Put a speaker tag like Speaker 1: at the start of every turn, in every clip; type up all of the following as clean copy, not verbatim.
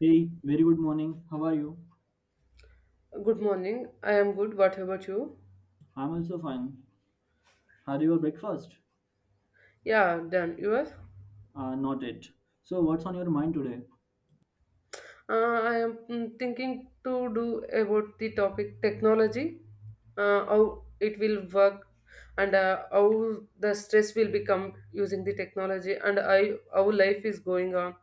Speaker 1: Hey, very good morning. How are you?
Speaker 2: Good morning. I am good. What about you?
Speaker 1: I'm also fine. Had your breakfast?
Speaker 2: Yeah, done. Yours?
Speaker 1: Not yet. So, what's on your mind today?
Speaker 2: I am thinking to do about the topic technology, how it will work, and how the stress will become using the technology, and I, how life is going on.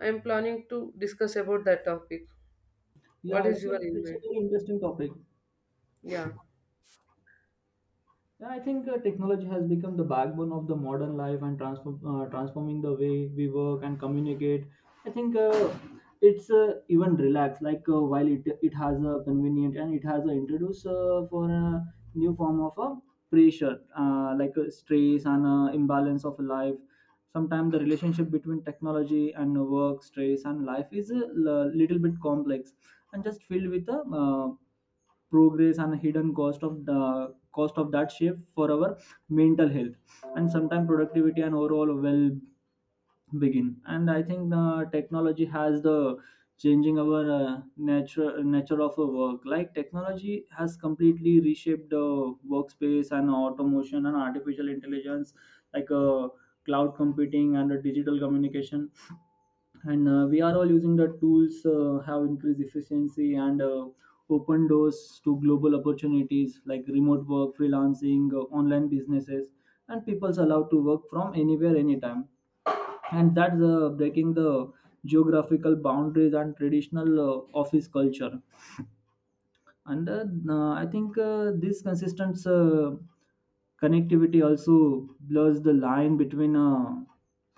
Speaker 2: I am planning to discuss about that topic. What
Speaker 1: Yeah,
Speaker 2: is
Speaker 1: it's a
Speaker 2: your in
Speaker 1: it's a
Speaker 2: mind?
Speaker 1: very interesting topic.
Speaker 2: Yeah.
Speaker 1: Yeah, I think technology has become the backbone of the modern life and transforming the way we work and communicate. I think it's even relaxed, like while it has a convenient and it has a introduce for a new form of a pressure, like stress and imbalance of life. Sometimes the relationship between technology and work, stress and life is a little bit complex and just filled with a progress and hidden cost of the cost of that shift for our mental health and sometimes productivity and overall well begin. And I think the technology has the changing our nature of a work, like technology has completely reshaped the workspace and automation and artificial intelligence, like cloud computing and digital communication, and we are all using the tools have increased efficiency and open doors to global opportunities like remote work freelancing, online businesses, and people's allowed to work from anywhere anytime, and that's breaking the geographical boundaries and traditional office culture. And I think this consistent connectivity also blurs the line between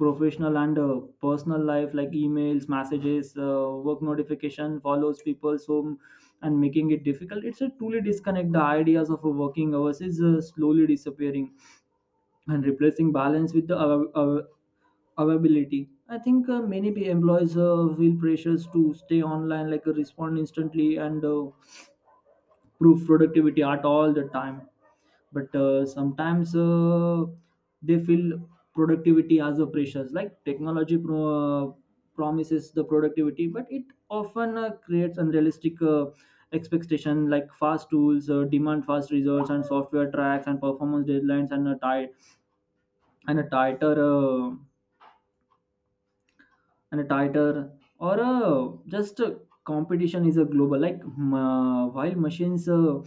Speaker 1: professional and personal life, like emails messages, work notification follows people's home and making it difficult it's a truly disconnect. The ideas of a working hours is slowly disappearing and replacing balance with the availability. I think many employees feel pressures to stay online, like respond instantly and prove productivity at all the time. But sometimes they feel productivity as a precious, like technology promises the productivity, but it often creates unrealistic expectation like fast tools demand fast results and software tracks and performance deadlines and a tight and a tighter uh, and a tighter or just competition is a global, like while machines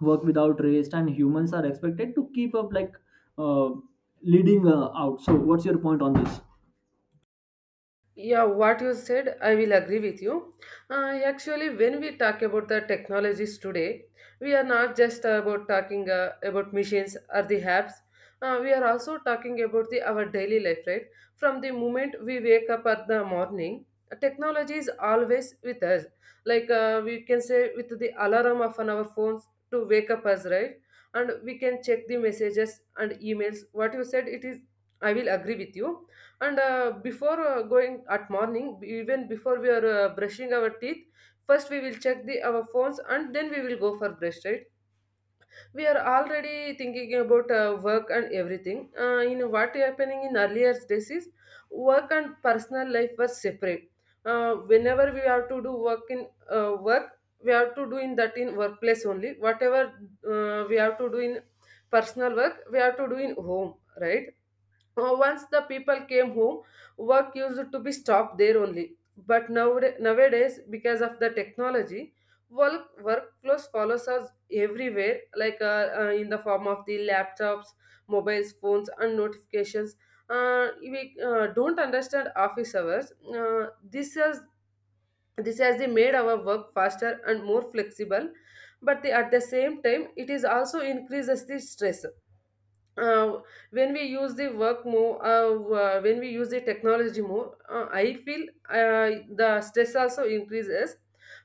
Speaker 1: work without rest and humans are expected to keep up, like uh, leading out. So what's your point on this?
Speaker 2: Yeah, what you said, I will agree with you. Actually, when we talk about the technologies today, we are not just about talking about machines or the apps. We are also talking about the our daily life, right? From the moment we wake up at the morning, technology is always with us. Like we can say with the alarm of on our phones to wake up us, right? And we can check the messages and emails. What you said, it is. I will agree with you, and before going at morning, even before we are brushing our teeth, first we will check the our phones and then we will go for brush, right? We are already thinking about work and everything in what happening in earlier days is work and personal life was separate. Whenever we have to do work in work, we have to do in that in workplace only. Whatever we have to do in personal work, we have to do in home, right? Once the people came home, work used to be stopped there only. But nowadays, because of the technology, workflows follows us everywhere, like in the form of the laptops, mobiles, phones, and notifications. We don't understand office hours. Uh, this has this has they made our work faster and more flexible, but the, at the same time, it is also increases the stress. Uh, when we use the work more When we use the technology more, I feel uh, the stress also increases.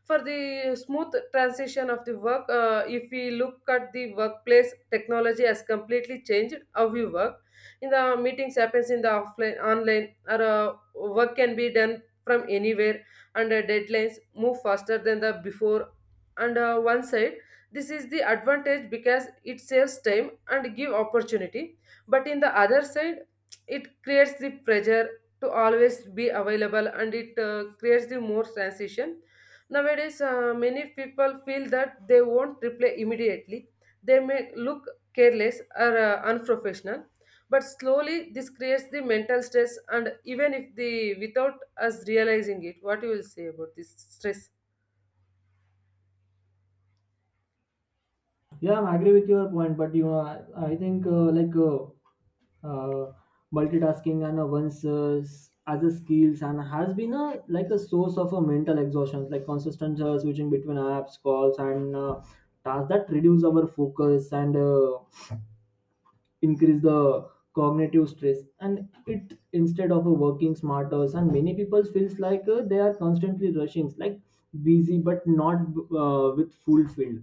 Speaker 2: For the smooth transition of the work, if we look at the workplace, technology has completely changed how we work, in the meetings happens in the offline online or work can be done from anywhere, and deadlines move faster than the before. And one side, this is the advantage because it saves time and give opportunity. But in the other side, it creates the pressure to always be available, and it creates the more transition. Nowadays, many people feel that they won't reply immediately. They may look careless or unprofessional. But slowly, this creates the mental stress, and even if the without us realizing it, what you will say about this stress?
Speaker 1: Yeah, I agree with your point, but you know, I think uh, multitasking and once as a skills and has been a like a source of a mental exhaustion, like consistent switching between apps, calls, and tasks that reduce our focus and increase the cognitive stress, and it instead of working smarter and many people feels like they are constantly rushing, like busy but not with fulfilled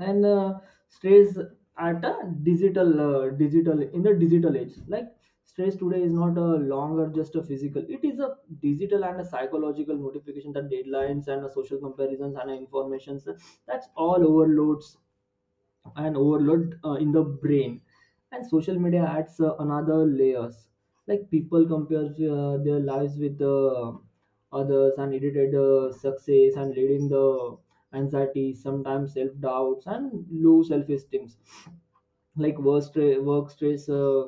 Speaker 1: and stress at a digital in the digital age. Like stress today is not a longer just a physical, it is a digital and a psychological notification that deadlines and a social comparisons and a informations, that's all overloads and overload in the brain. And social media adds another layers, like people compare their lives with others and edited success and leading the anxiety, sometimes self doubts and low self esteem, like work stress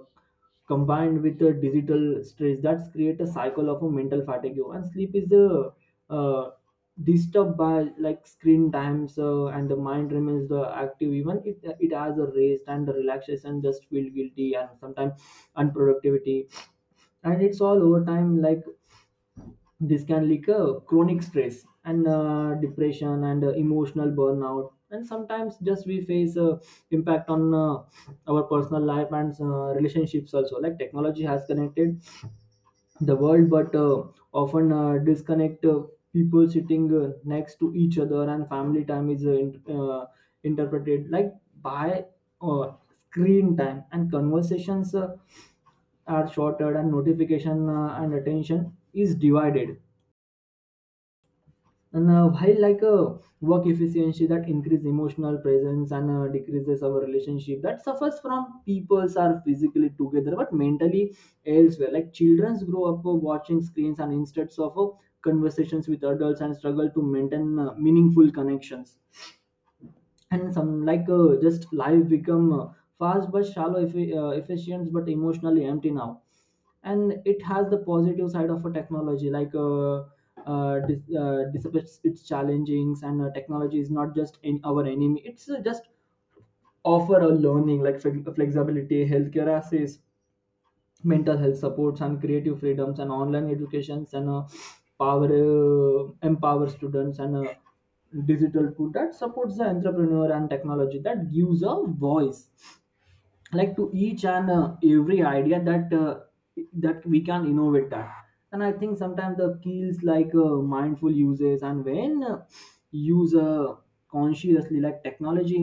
Speaker 1: combined with the digital stress, that's create a cycle of a mental fatigue. And sleep is uh, disturbed by like screen times, and the mind remains the active even it has a rest and the relaxation just feel guilty and sometimes unproductivity, and it's all over time. Like this can lead to chronic stress and depression and emotional burnout, and sometimes just we face impact on our personal life and relationships also. Like technology has connected the world, but often disconnect people sitting next to each other, and family time is interpreted like by uh, screen time, and conversations are shorter and notification and attention is divided. And while like work efficiency that increase emotional presence and decreases our relationship that suffers from peoples are physically together but mentally elsewhere. Like children grow up watching screens and instead of conversations with adults and struggle to maintain meaningful connections. And some like just life become fast but shallow, if, efficient but emotionally empty now. And it has the positive side of a technology, like dissipates its challengings and technology is not just in our enemy, it's just offer a learning like flexibility healthcare access, mental health supports and creative freedoms and online educations and power empower students and digital tool that supports the entrepreneur and technology that gives a voice like to each and every idea that we can innovate that. And I think sometimes the keys like mindful uses and when use consciously, like technology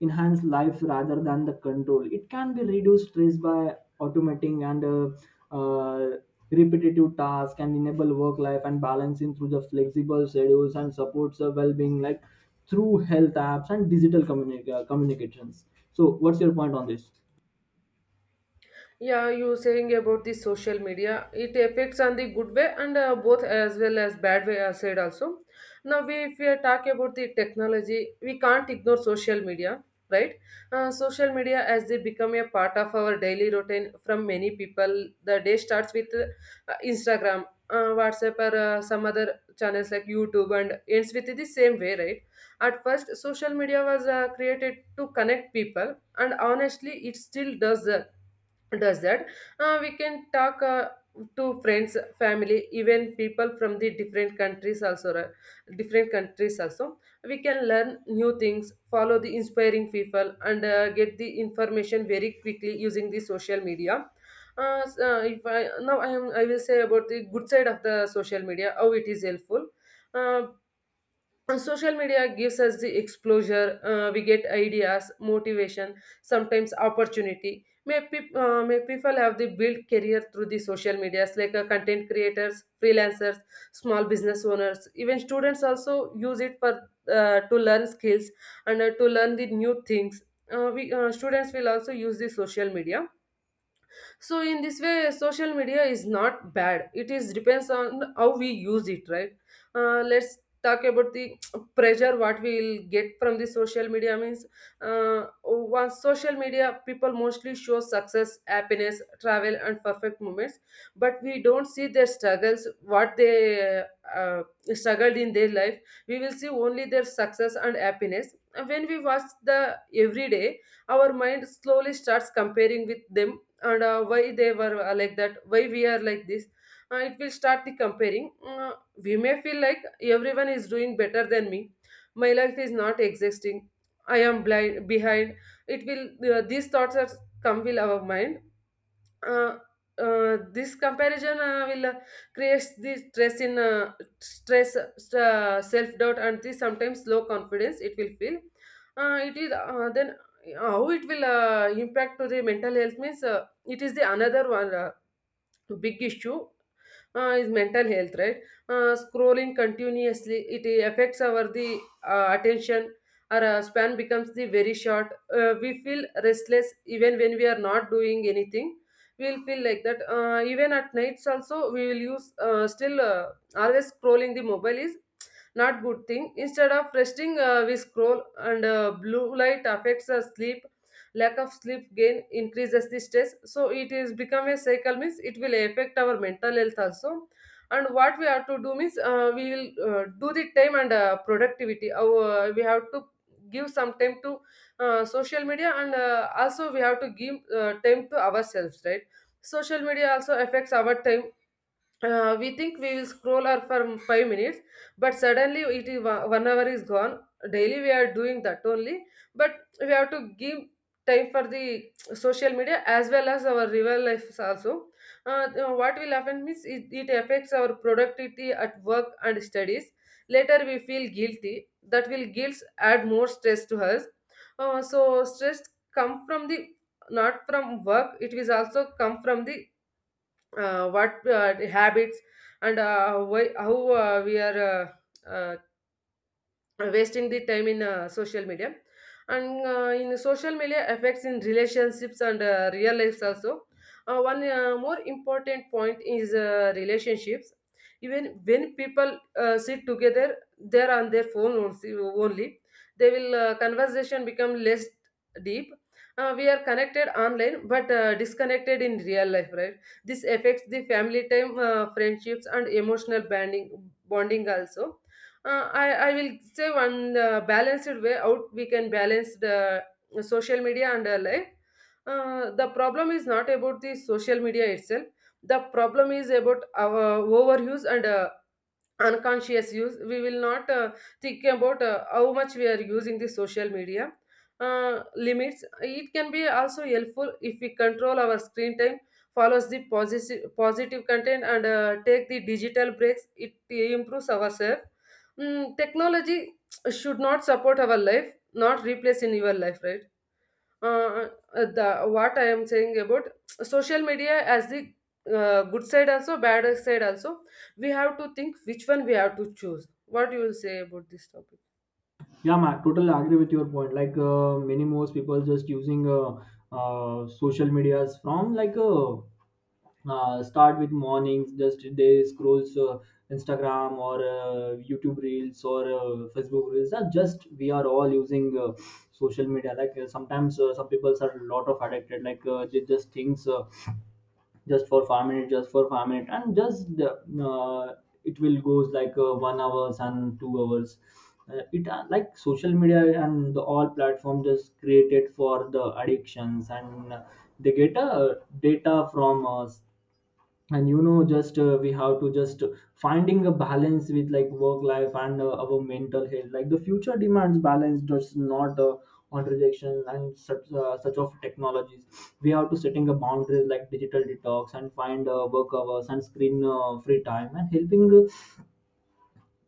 Speaker 1: enhance life rather than the control, it can be reduced stress by automating and repetitive tasks and enable work life and balancing through the flexible schedules and supports the well-being, like through health apps and digital communications. So what's your point on this?
Speaker 2: Yeah, you saying about the social media, it affects on the good way and both as well as bad way I said also. Now, we, if we are talking about the technology, we can't ignore social media, right? Social media as they become a part of our daily routine from many people. The day starts with Instagram, WhatsApp, or some other channels like YouTube, and ends with the same way, right? At first, social media was created to connect people, and honestly, it still does that. We can talk to friends, family, even people from the different countries also, right? Different countries also, we can learn new things, follow the inspiring people and get the information very quickly using the social media. S- if I, now I, am, I will say about the good side of the social media, how it is helpful. Uh, and social media gives us the exposure. We get ideas, motivation, sometimes opportunity. May people have the build career through the social medias like content creators, freelancers, small business owners, even students also use it for to learn skills and to learn the new things. We Students will also use the social media. So in this way, social media is not bad, it is depends on how we use it, right? Let's talk about the pressure what we will get from the social media means. uh, on social media, people mostly show success, happiness, travel and perfect moments, but we don't see their struggles what they uh, struggled in their life. We will see only their success and happiness. And when we watch the everyday, our mind slowly starts comparing with them. And why they were like that, why we are like this? It will start the comparing. We may feel like everyone is doing better than me, my life is not existing, I am blind behind. It will, these thoughts are come will our mind. uh, this comparison will create the stress in, stress self doubt and the sometimes low confidence it will feel. It is then How it will impact to the mental health means, it is the another one big issue. Is mental health, right? Scrolling continuously, it affects our the attention. Our span becomes the very short. We feel restless even when we are not doing anything. We'll feel like that. Even at nights also we will use, still always scrolling the mobile is not good thing. Instead of resting, we scroll and blue light affects our sleep. Lack of sleep gain increases the stress, so it is become a cycle means it will affect our mental health also. And what we have to do means, we will do the time and productivity our, we have to give some time to social media and also we have to give time to ourselves, right? Social media also affects our time. We think we will scroll our for 5 minutes, but suddenly it is one hour is gone. Daily we are doing that only, but we have to give time for the social media as well as our real lives also. uh, what will happen means, it affects our productivity at work and studies. Later we feel guilty, that will guilt add more stress to us. So stress come from the not from work, it will also come from the what habits and how we are uh, uh, wasting the time in social media. And in social media affects in relationships and real lives also. One more important point is relationships. Even when people sit together, they are on their phone only. They will conversation become less deep. We are connected online but disconnected in real life, right? This affects the family time, friendships and emotional bonding also. I will say one balanced way out, we can balance the social media and life. The problem is not about the social media itself. The problem is about our overuse and unconscious use. We will not think about how much we are using the social media. Limits it can be also helpful if we control our screen time, follows the positive content and take the digital breaks, it improves ourselves. Technology should not support our life, not replace in your life, right? uh, the what I am saying about social media as the good side also, bad side also. We have to think which one we have to choose. What you will say about this topic?
Speaker 1: Yeah, Mark, totally agree with your point. Like many most people just using social medias from like start with mornings. Just they scrolls Instagram or YouTube Reels or Facebook Reels. Are just we are all using social media. Like sometimes some people are lot of addicted. Like they just things. Just for 5 minutes, just for 5 minutes, and just it will goes like 1 hours and 2 hours. It like social media and the all platform just created for the addictions and they get data from us. And you know just we have to just finding a balance with like work life and our mental health, like the future demands balance does not on rejection and such of technologies. We have to setting a boundaries like digital detox and find work hours and screen free time and helping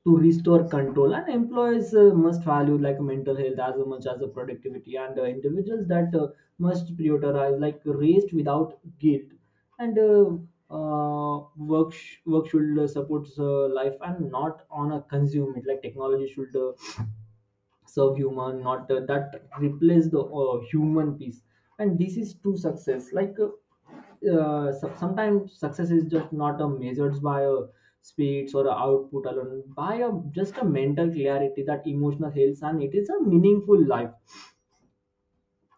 Speaker 1: to restore control, and employees must value like mental health as much as the productivity, and individuals that must prioritize like rest without guilt, and work work should support life and not on a consume it, like technology should serve human not that replace the human piece. And this is true success, like sometimes success is just not a measured by a speeds or a output alone by a, just a mental clarity that emotional health and it is a meaningful life.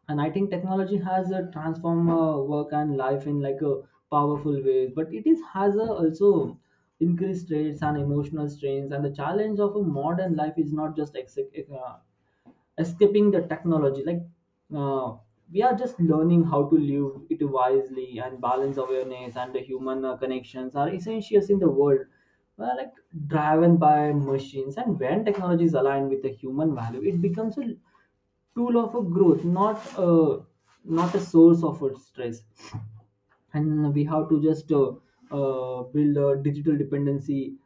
Speaker 1: And I think technology has a transform work and life in like a powerful ways, but it is has a also increased rates and emotional strains, and the challenge of a modern life is not just escaping the technology. Like uh, we are just learning how to live it wisely, and balance awareness and the human connections are essentials in the world, like driven by machines. And when technology is aligned with the human value, it becomes a tool of a growth, not a not a source of a stress. And we have to just build a digital dependency,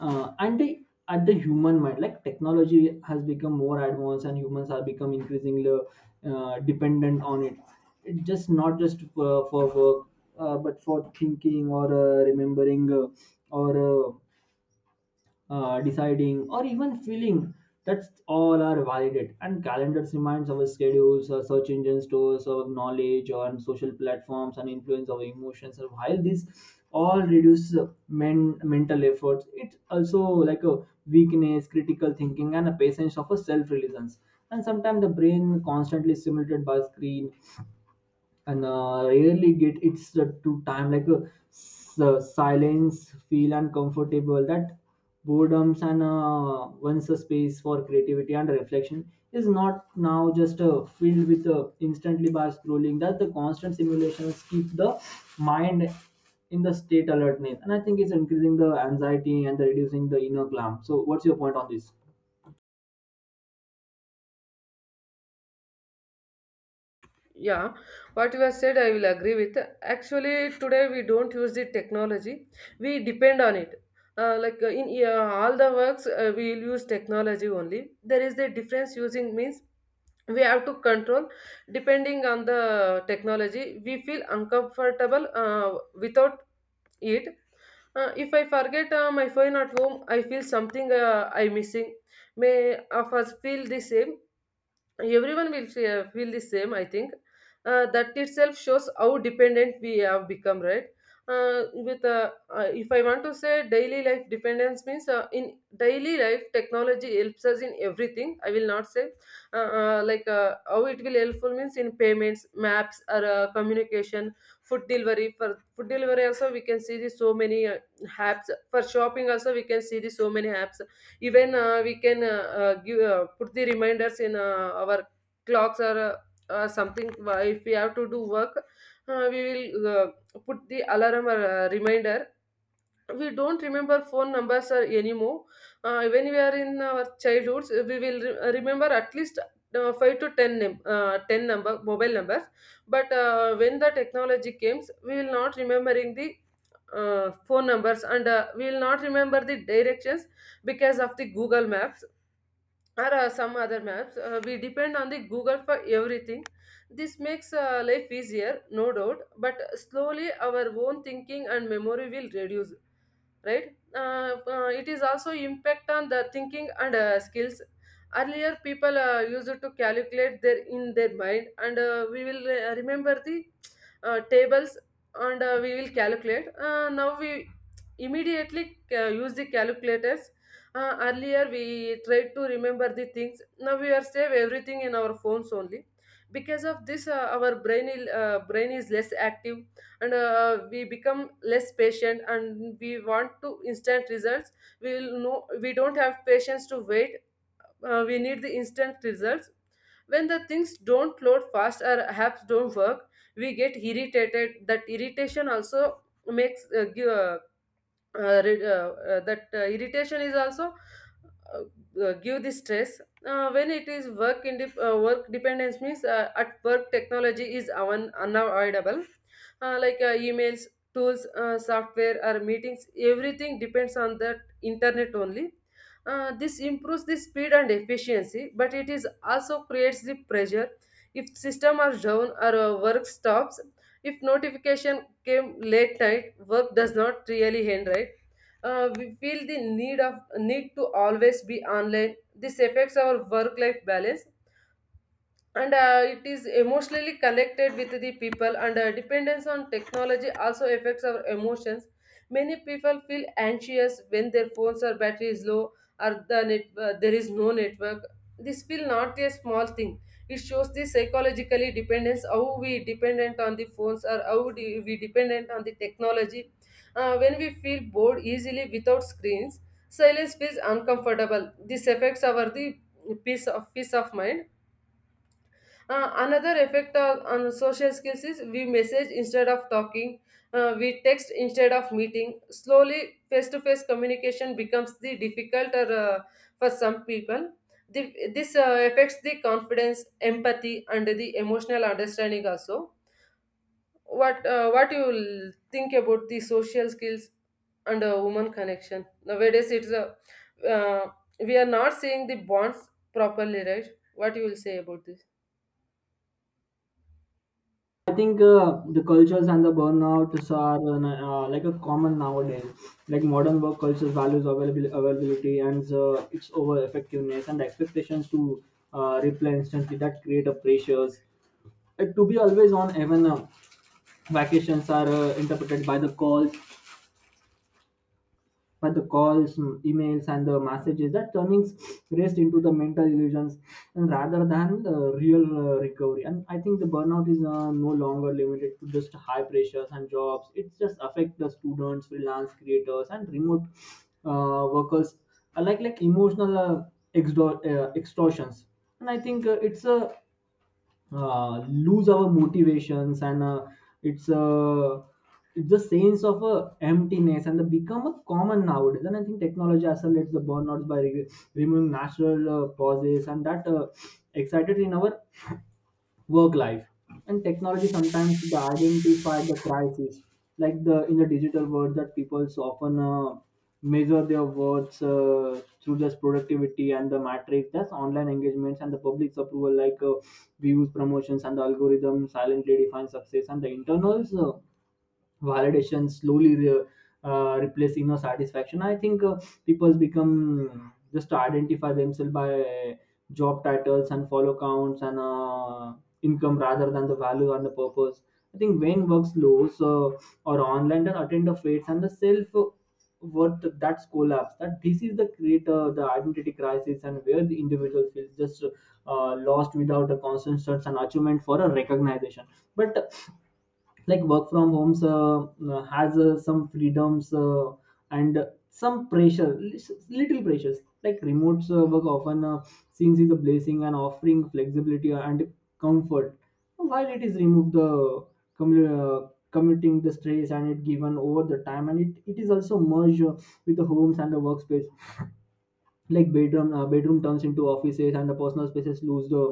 Speaker 1: and the, at the human mind. Like technology has become more advanced and humans are become increasingly dependent on it. It just not just for work, but for thinking or remembering or deciding, or even feeling. That's all are valid. And calendars reminds our schedules, our search engine stores our knowledge on social platforms and influence our emotions. And while this all reduce mental efforts, it also like a weakness, critical thinking, and a patience of a self-reliance. And sometimes the brain constantly stimulated by screen and really get its to time, like silence feel uncomfortable that boredoms, and once a space for creativity and reflection is not now just filled with instantly by scrolling, that the constant simulations keep the mind in the state alertness. And I think it's increasing the anxiety and the reducing the inner calm. So what's your point on this?
Speaker 2: Yeah, what you have said, I will agree with. Actually, today we don't use the technology, we depend on it. In all the works, we will use technology only. There is the difference using means we have to control depending on the technology. We feel uncomfortable without it. If I forget my phone at home, I feel something I missing. May of us feel the same, everyone will feel the same, I think. That itself shows how dependent we have become, right? With If I want to say daily life dependence means, in daily life technology helps us in everything. I will not say like how it will helpful means, in payments, maps or communication, food delivery. For food delivery also, we can see the so many apps. For shopping also, we can see the so many apps. Even we can put the reminders in our clocks or something. If we have to do work, we will uh, put the alarm or reminder. We don't remember phone numbers or anymore. When we are in our childhoods, we will remember at least 5 to 10 10 number mobile numbers. But when the technology came, we will not remembering the phone numbers, and we will not remember the directions because of the Google Maps or some other maps. We depend on the Google for everything. This makes life easier, no doubt, but slowly our own thinking and memory will reduce, right? It is also impact on the thinking and skills. Earlier people used to calculate their in their mind, and we will remember the tables, and we will calculate. Now we immediately use the calculator. Earlier, we tried to remember the things. Now we are save everything in our phones only. Because of this, our brain is less active, and we become less patient. And we want to instant results. We will know we don't have patience to wait. We need the instant results. When the things don't load fast or apps don't work, we get irritated. That irritation also makes give, re- that irritation is also uh, give the stress. When it is work in work dependence means at work, technology is unavoidable, like emails, tools, software, or meetings, everything depends on the internet only. This improves the speed and efficiency, but it is also creates the pressure. If system are down or work stops, if notification came late night, work does not really end, right? We feel the need to always be online. This affects our work-life balance, and it is emotionally connected with the people, and dependence on technology also affects our emotions. Many people feel anxious when their phones or battery is low, or the there is no network. This feel not a small thing. It shows the psychologically dependence, how we dependent on the phones, or we dependent on the technology. When we feel bored easily without screens, silence feels uncomfortable. This affects our the peace of mind. Another effect on social skills is we message instead of talking, we text instead of meeting. Slowly, face to face communication becomes the difficult or, for some people. This affects the confidence, empathy, and the emotional understanding also. What you think about the social skills and woman connection nowadays? It's a uh, we are not seeing the bonds properly, right? What you will say about this?
Speaker 1: I think the cultures and the burnouts are like a common nowadays. Like modern work cultures values availability and its over effectiveness and expectations to reply instantly that create a pressures. To be always on, even vacations are interpreted by the calls, but the calls, emails and the messages that turnings rest into the mental illusions and rather than the real recovery. And I think the burnout is no longer limited to just high pressures and jobs, it's just affect the students, freelance creators and remote workers, like emotional extortions. And I think it's a lose our motivations and it's uh, it's the sense of emptiness and the become a common nowadays. And I think technology accelerates the burnouts by removing natural pauses and that excited in our work life. And technology sometimes to identify the crisis, like the in the digital world that people so often measure their worths through just productivity and the matrix that's online engagements and the public's approval, like views, promotions and the algorithm silently define success, and the internals validation slowly replacing our satisfaction. I think people become just to identify themselves by job titles and follow counts and income rather than the value and the purpose. I think when work slows or online, then attend the fates and the self worth that's collapsed. That this is the creator, the identity crisis, and where the individual feels just lost without a constant search and achievement for a recognition. But like work from homes has some freedoms and some pressure, little pressures. Like remote work often seems is a blessing and offering flexibility and comfort. While it is removed the commuting the stress and it given over the time, and it is also merged with the homes and the workspace. Like bedroom turns into offices and the personal spaces lose the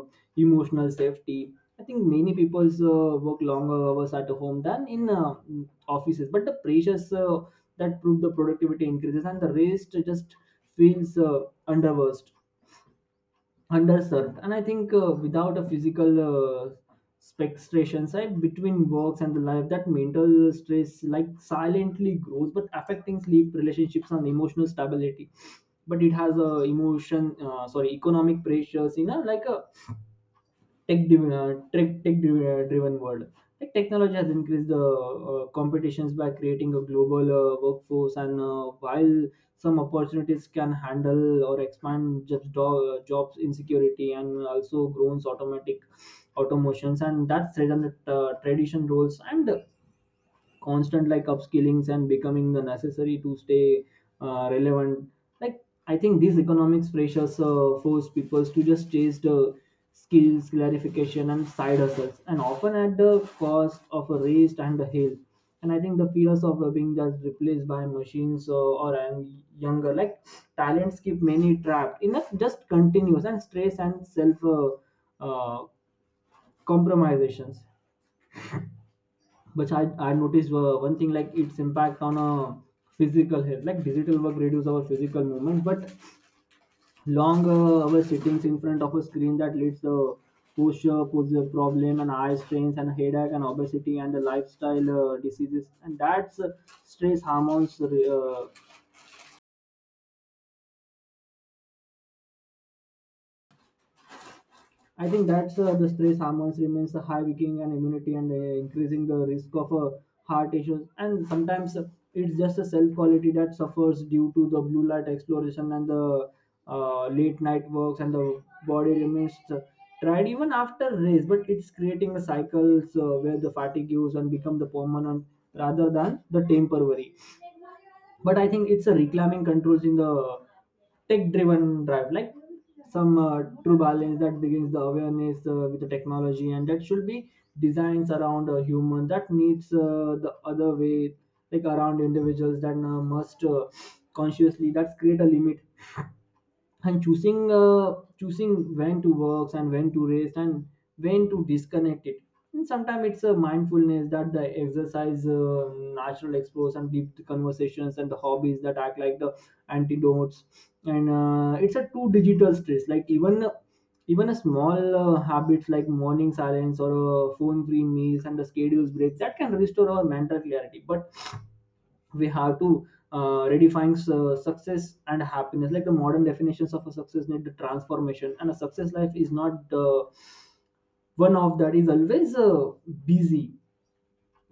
Speaker 1: emotional safety. I think many people work longer hours at home than in offices, but the pressures that prove the productivity increases and the rest just feels underversed underserved. And I think without a physical spectration side between works and the life, that mental stress like silently grows but affecting sleep, relationships and emotional stability. But it has a emotion, sorry, economic pressures, you know, like a tech driven driven world. Like technology has increased the competitions by creating a global workforce. And while some opportunities can handle or expand jobs, jobs insecurity, and also groans automatic automations, and that's threaten the tradition roles, and constant like upskillings and becoming the necessary to stay relevant. Like I think these economics pressures force people to just chase the skills clarification and side hustles, and often at the cost of a rest and the health. And I think the fears of being just replaced by machines or I'm younger, like talents, keep many trapped in a just continuous and stress and self uh, compromisations. But I noticed one thing, like its impact on a physical health. Like digital work reduces our physical movement, but long hour sittings in front of a screen that leads to posture problem and eye strains and headache and obesity and the lifestyle diseases, and that's stress hormones I think that's the stress hormones remains a high, weakening and immunity and increasing the risk of heart issues. And sometimes it's just a self quality that suffers due to the blue light exploration and the late night works, and the body remains tired even after race. But it's creating a cycles where the fatigue use and become the permanent rather than the temporary. But I think it's a reclaiming controls in the tech driven drive. Like some true balance that begins the awareness with the technology, and that should be designs around a human that needs the other way, like around individuals that must consciously that's create a limit, and choosing choosing when to work and when to rest and when to disconnect it. And sometimes it's a mindfulness that the exercise, natural explores and deep conversations and the hobbies that act like the antidotes. And it's a two digital stress, like even a small habits like morning silence or phone free meals and the schedules breaks that can restore our mental clarity. But we have to redefine success and happiness. Like the modern definitions of a success need the transformation, and a success life is not one of that is always busy,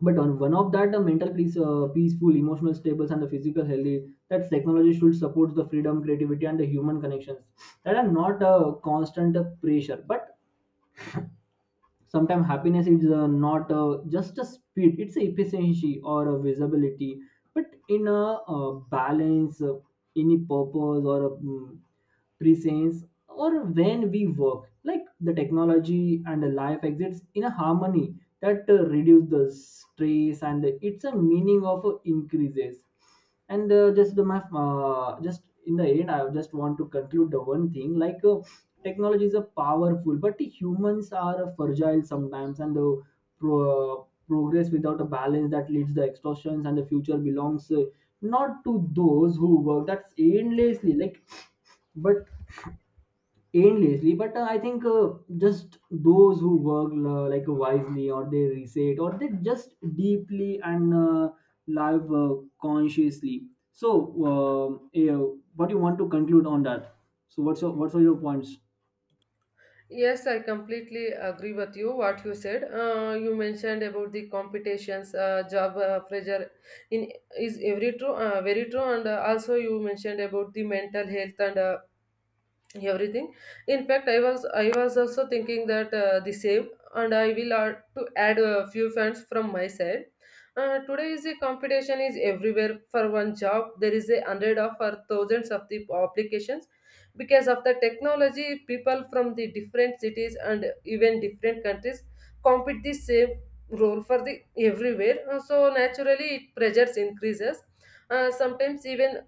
Speaker 1: but on one of that the mental peace, peaceful, emotional stables and the physical healthy, that technology should support the freedom, creativity and the human connections that are not a constant pressure. But sometimes happiness is not just a speed, it's a efficiency or a visibility, but in a balance any purpose or a presence, or when we work like the technology and the life exists in a harmony that reduce the stress and it's a meaning of increases. And just the math, just in the end, I just want to conclude the one thing, like technologies are powerful but humans are fragile sometimes, and the progress without a balance that leads the extortions. And the future belongs not to those who work that's endlessly, like, but endlessly, but I think just those who work like wisely, or they reset, or they just deeply and live consciously. So yeah, what do you want to conclude on that? So what are your points?
Speaker 2: Yes, I completely agree with you. What you said, you mentioned about the competitions, job pressure, in is every true, very true, and also you mentioned about the mental health and everything. In fact, I was also thinking that the same, and I will add a few fans from my side. Today is a competition is everywhere. For one job, there is a hundred of or thousands of the applications. Because of the technology, people from the different cities and even different countries compete the same role for the everywhere. So naturally it pressures increases. Sometimes even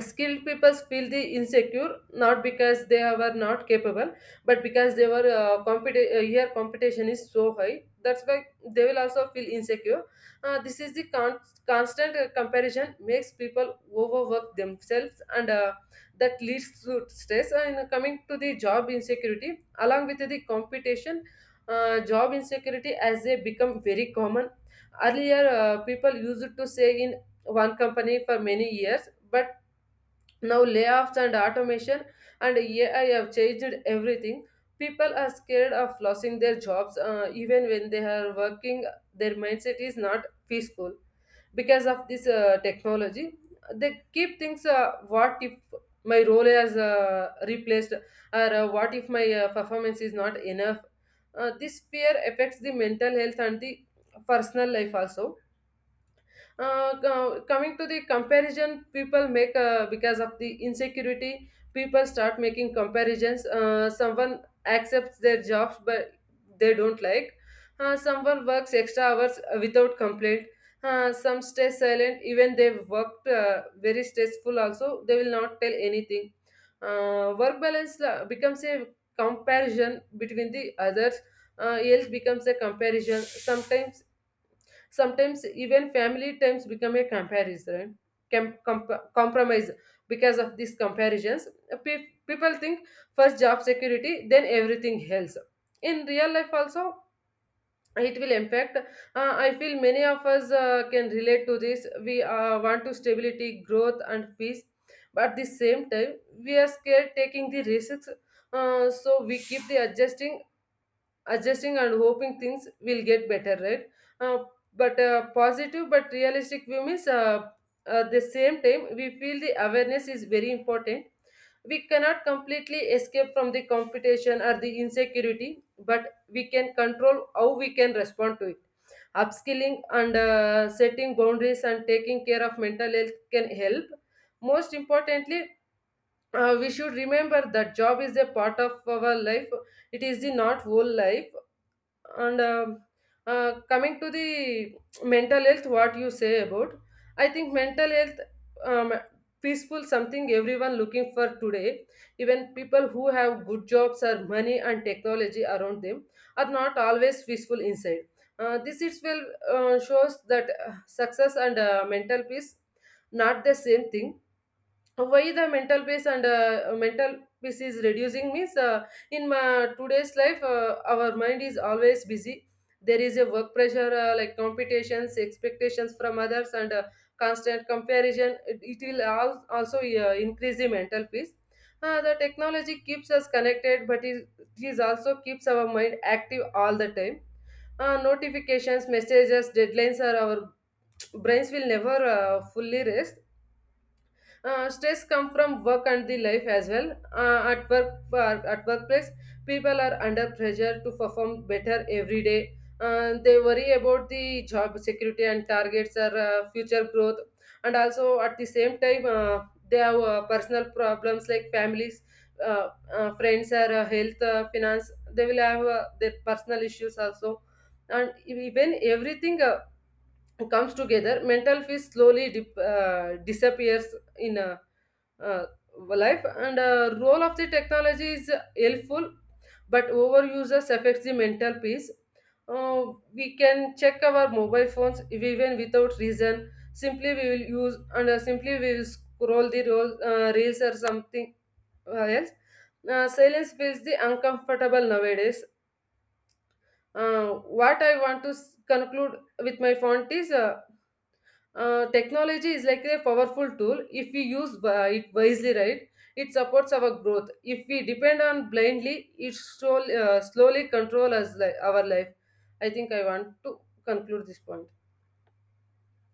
Speaker 2: skilled people feel the insecure, not because they were not capable, but because they were here competition is so high, that's why they will also feel insecure. This is the constant comparison makes people overwork themselves, and that leads to stress. And coming to the job insecurity along with the competition, job insecurity as they become very common. Earlier people used to say in one company for many years, but now, layoffs and automation and AI have changed everything. People are scared of losing their jobs. Even when they are working, their mindset is not peaceful. Because of this technology, they keep things: what if my role is replaced, or what if my performance is not enough. This fear affects the mental health and the personal life also. Coming to the comparison people make, because of the insecurity people start making comparisons. Someone accepts their jobs, but they don't like. Someone works extra hours without complaint. Some stay silent, even they worked very stressful also, they will not tell anything. Work balance becomes a comparison between the others. Else becomes a comparison sometimes. Sometimes even family times become a comparison, compromise, because of these comparisons. People think first job security, then everything else. In real life also, it will impact. I feel many of us can relate to this. We want to stability, growth, and peace, but at the same time, we are scared taking the risks. So we keep the adjusting and hoping things will get better, right? uh, but positive but realistic view means, at the same time we feel the awareness is very important. We cannot completely escape from the competition or the insecurity, but we can control how we can respond to it. Upskilling and setting boundaries and taking care of mental health can help. Most importantly, we should remember that job is a part of our life. It is the not whole life. And coming to the mental health, what you say about? I think mental health, um, peaceful something everyone looking for today. Even people who have good jobs or money and technology around them are not always peaceful inside. This is well shows that success and mental peace not the same thing. Why the mental peace and mental peace is reducing means, in my today's life our mind is always busy. There is a work pressure like competitions, expectations from others, and constant comparison. It will also increase the mental peace. The technology keeps us connected, but it is also keeps our mind active all the time. Notifications, messages, deadlines are our brains will never fully rest. Stress come from work and the life as well. At work, at workplace, people are under pressure to perform better every day. They worry about the job security and targets or future growth, and also at the same time, they have personal problems like families, friends, or health, finance. They will have their personal issues also, and when everything comes together, mental peace slowly disappears in. Uh, Life and role of the technology is helpful, but overuses affects the mental peace. uh, we can check our mobile phones if even without reason, simply we will use, and simply we will scroll the reels or something else. Silence feels the uncomfortable nowadays. uh, what I want to conclude with my font is, technology is like a powerful tool if we use it wisely, right? It supports our growth. If we depend on blindly, it slowly control us our life. I think I want to conclude this point.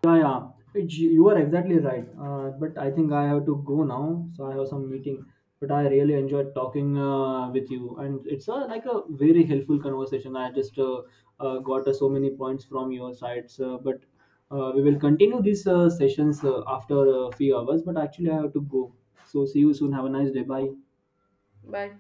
Speaker 1: Yeah, yeah. It's, you are exactly right. But I think I have to go now, so I have some meeting. But I really enjoyed talking with you, and it's a, like a very helpful conversation. I just got so many points from your sides. But we will continue these sessions after a few hours. But actually, I have to go. So see you soon. Have a nice day. Bye.
Speaker 2: Bye.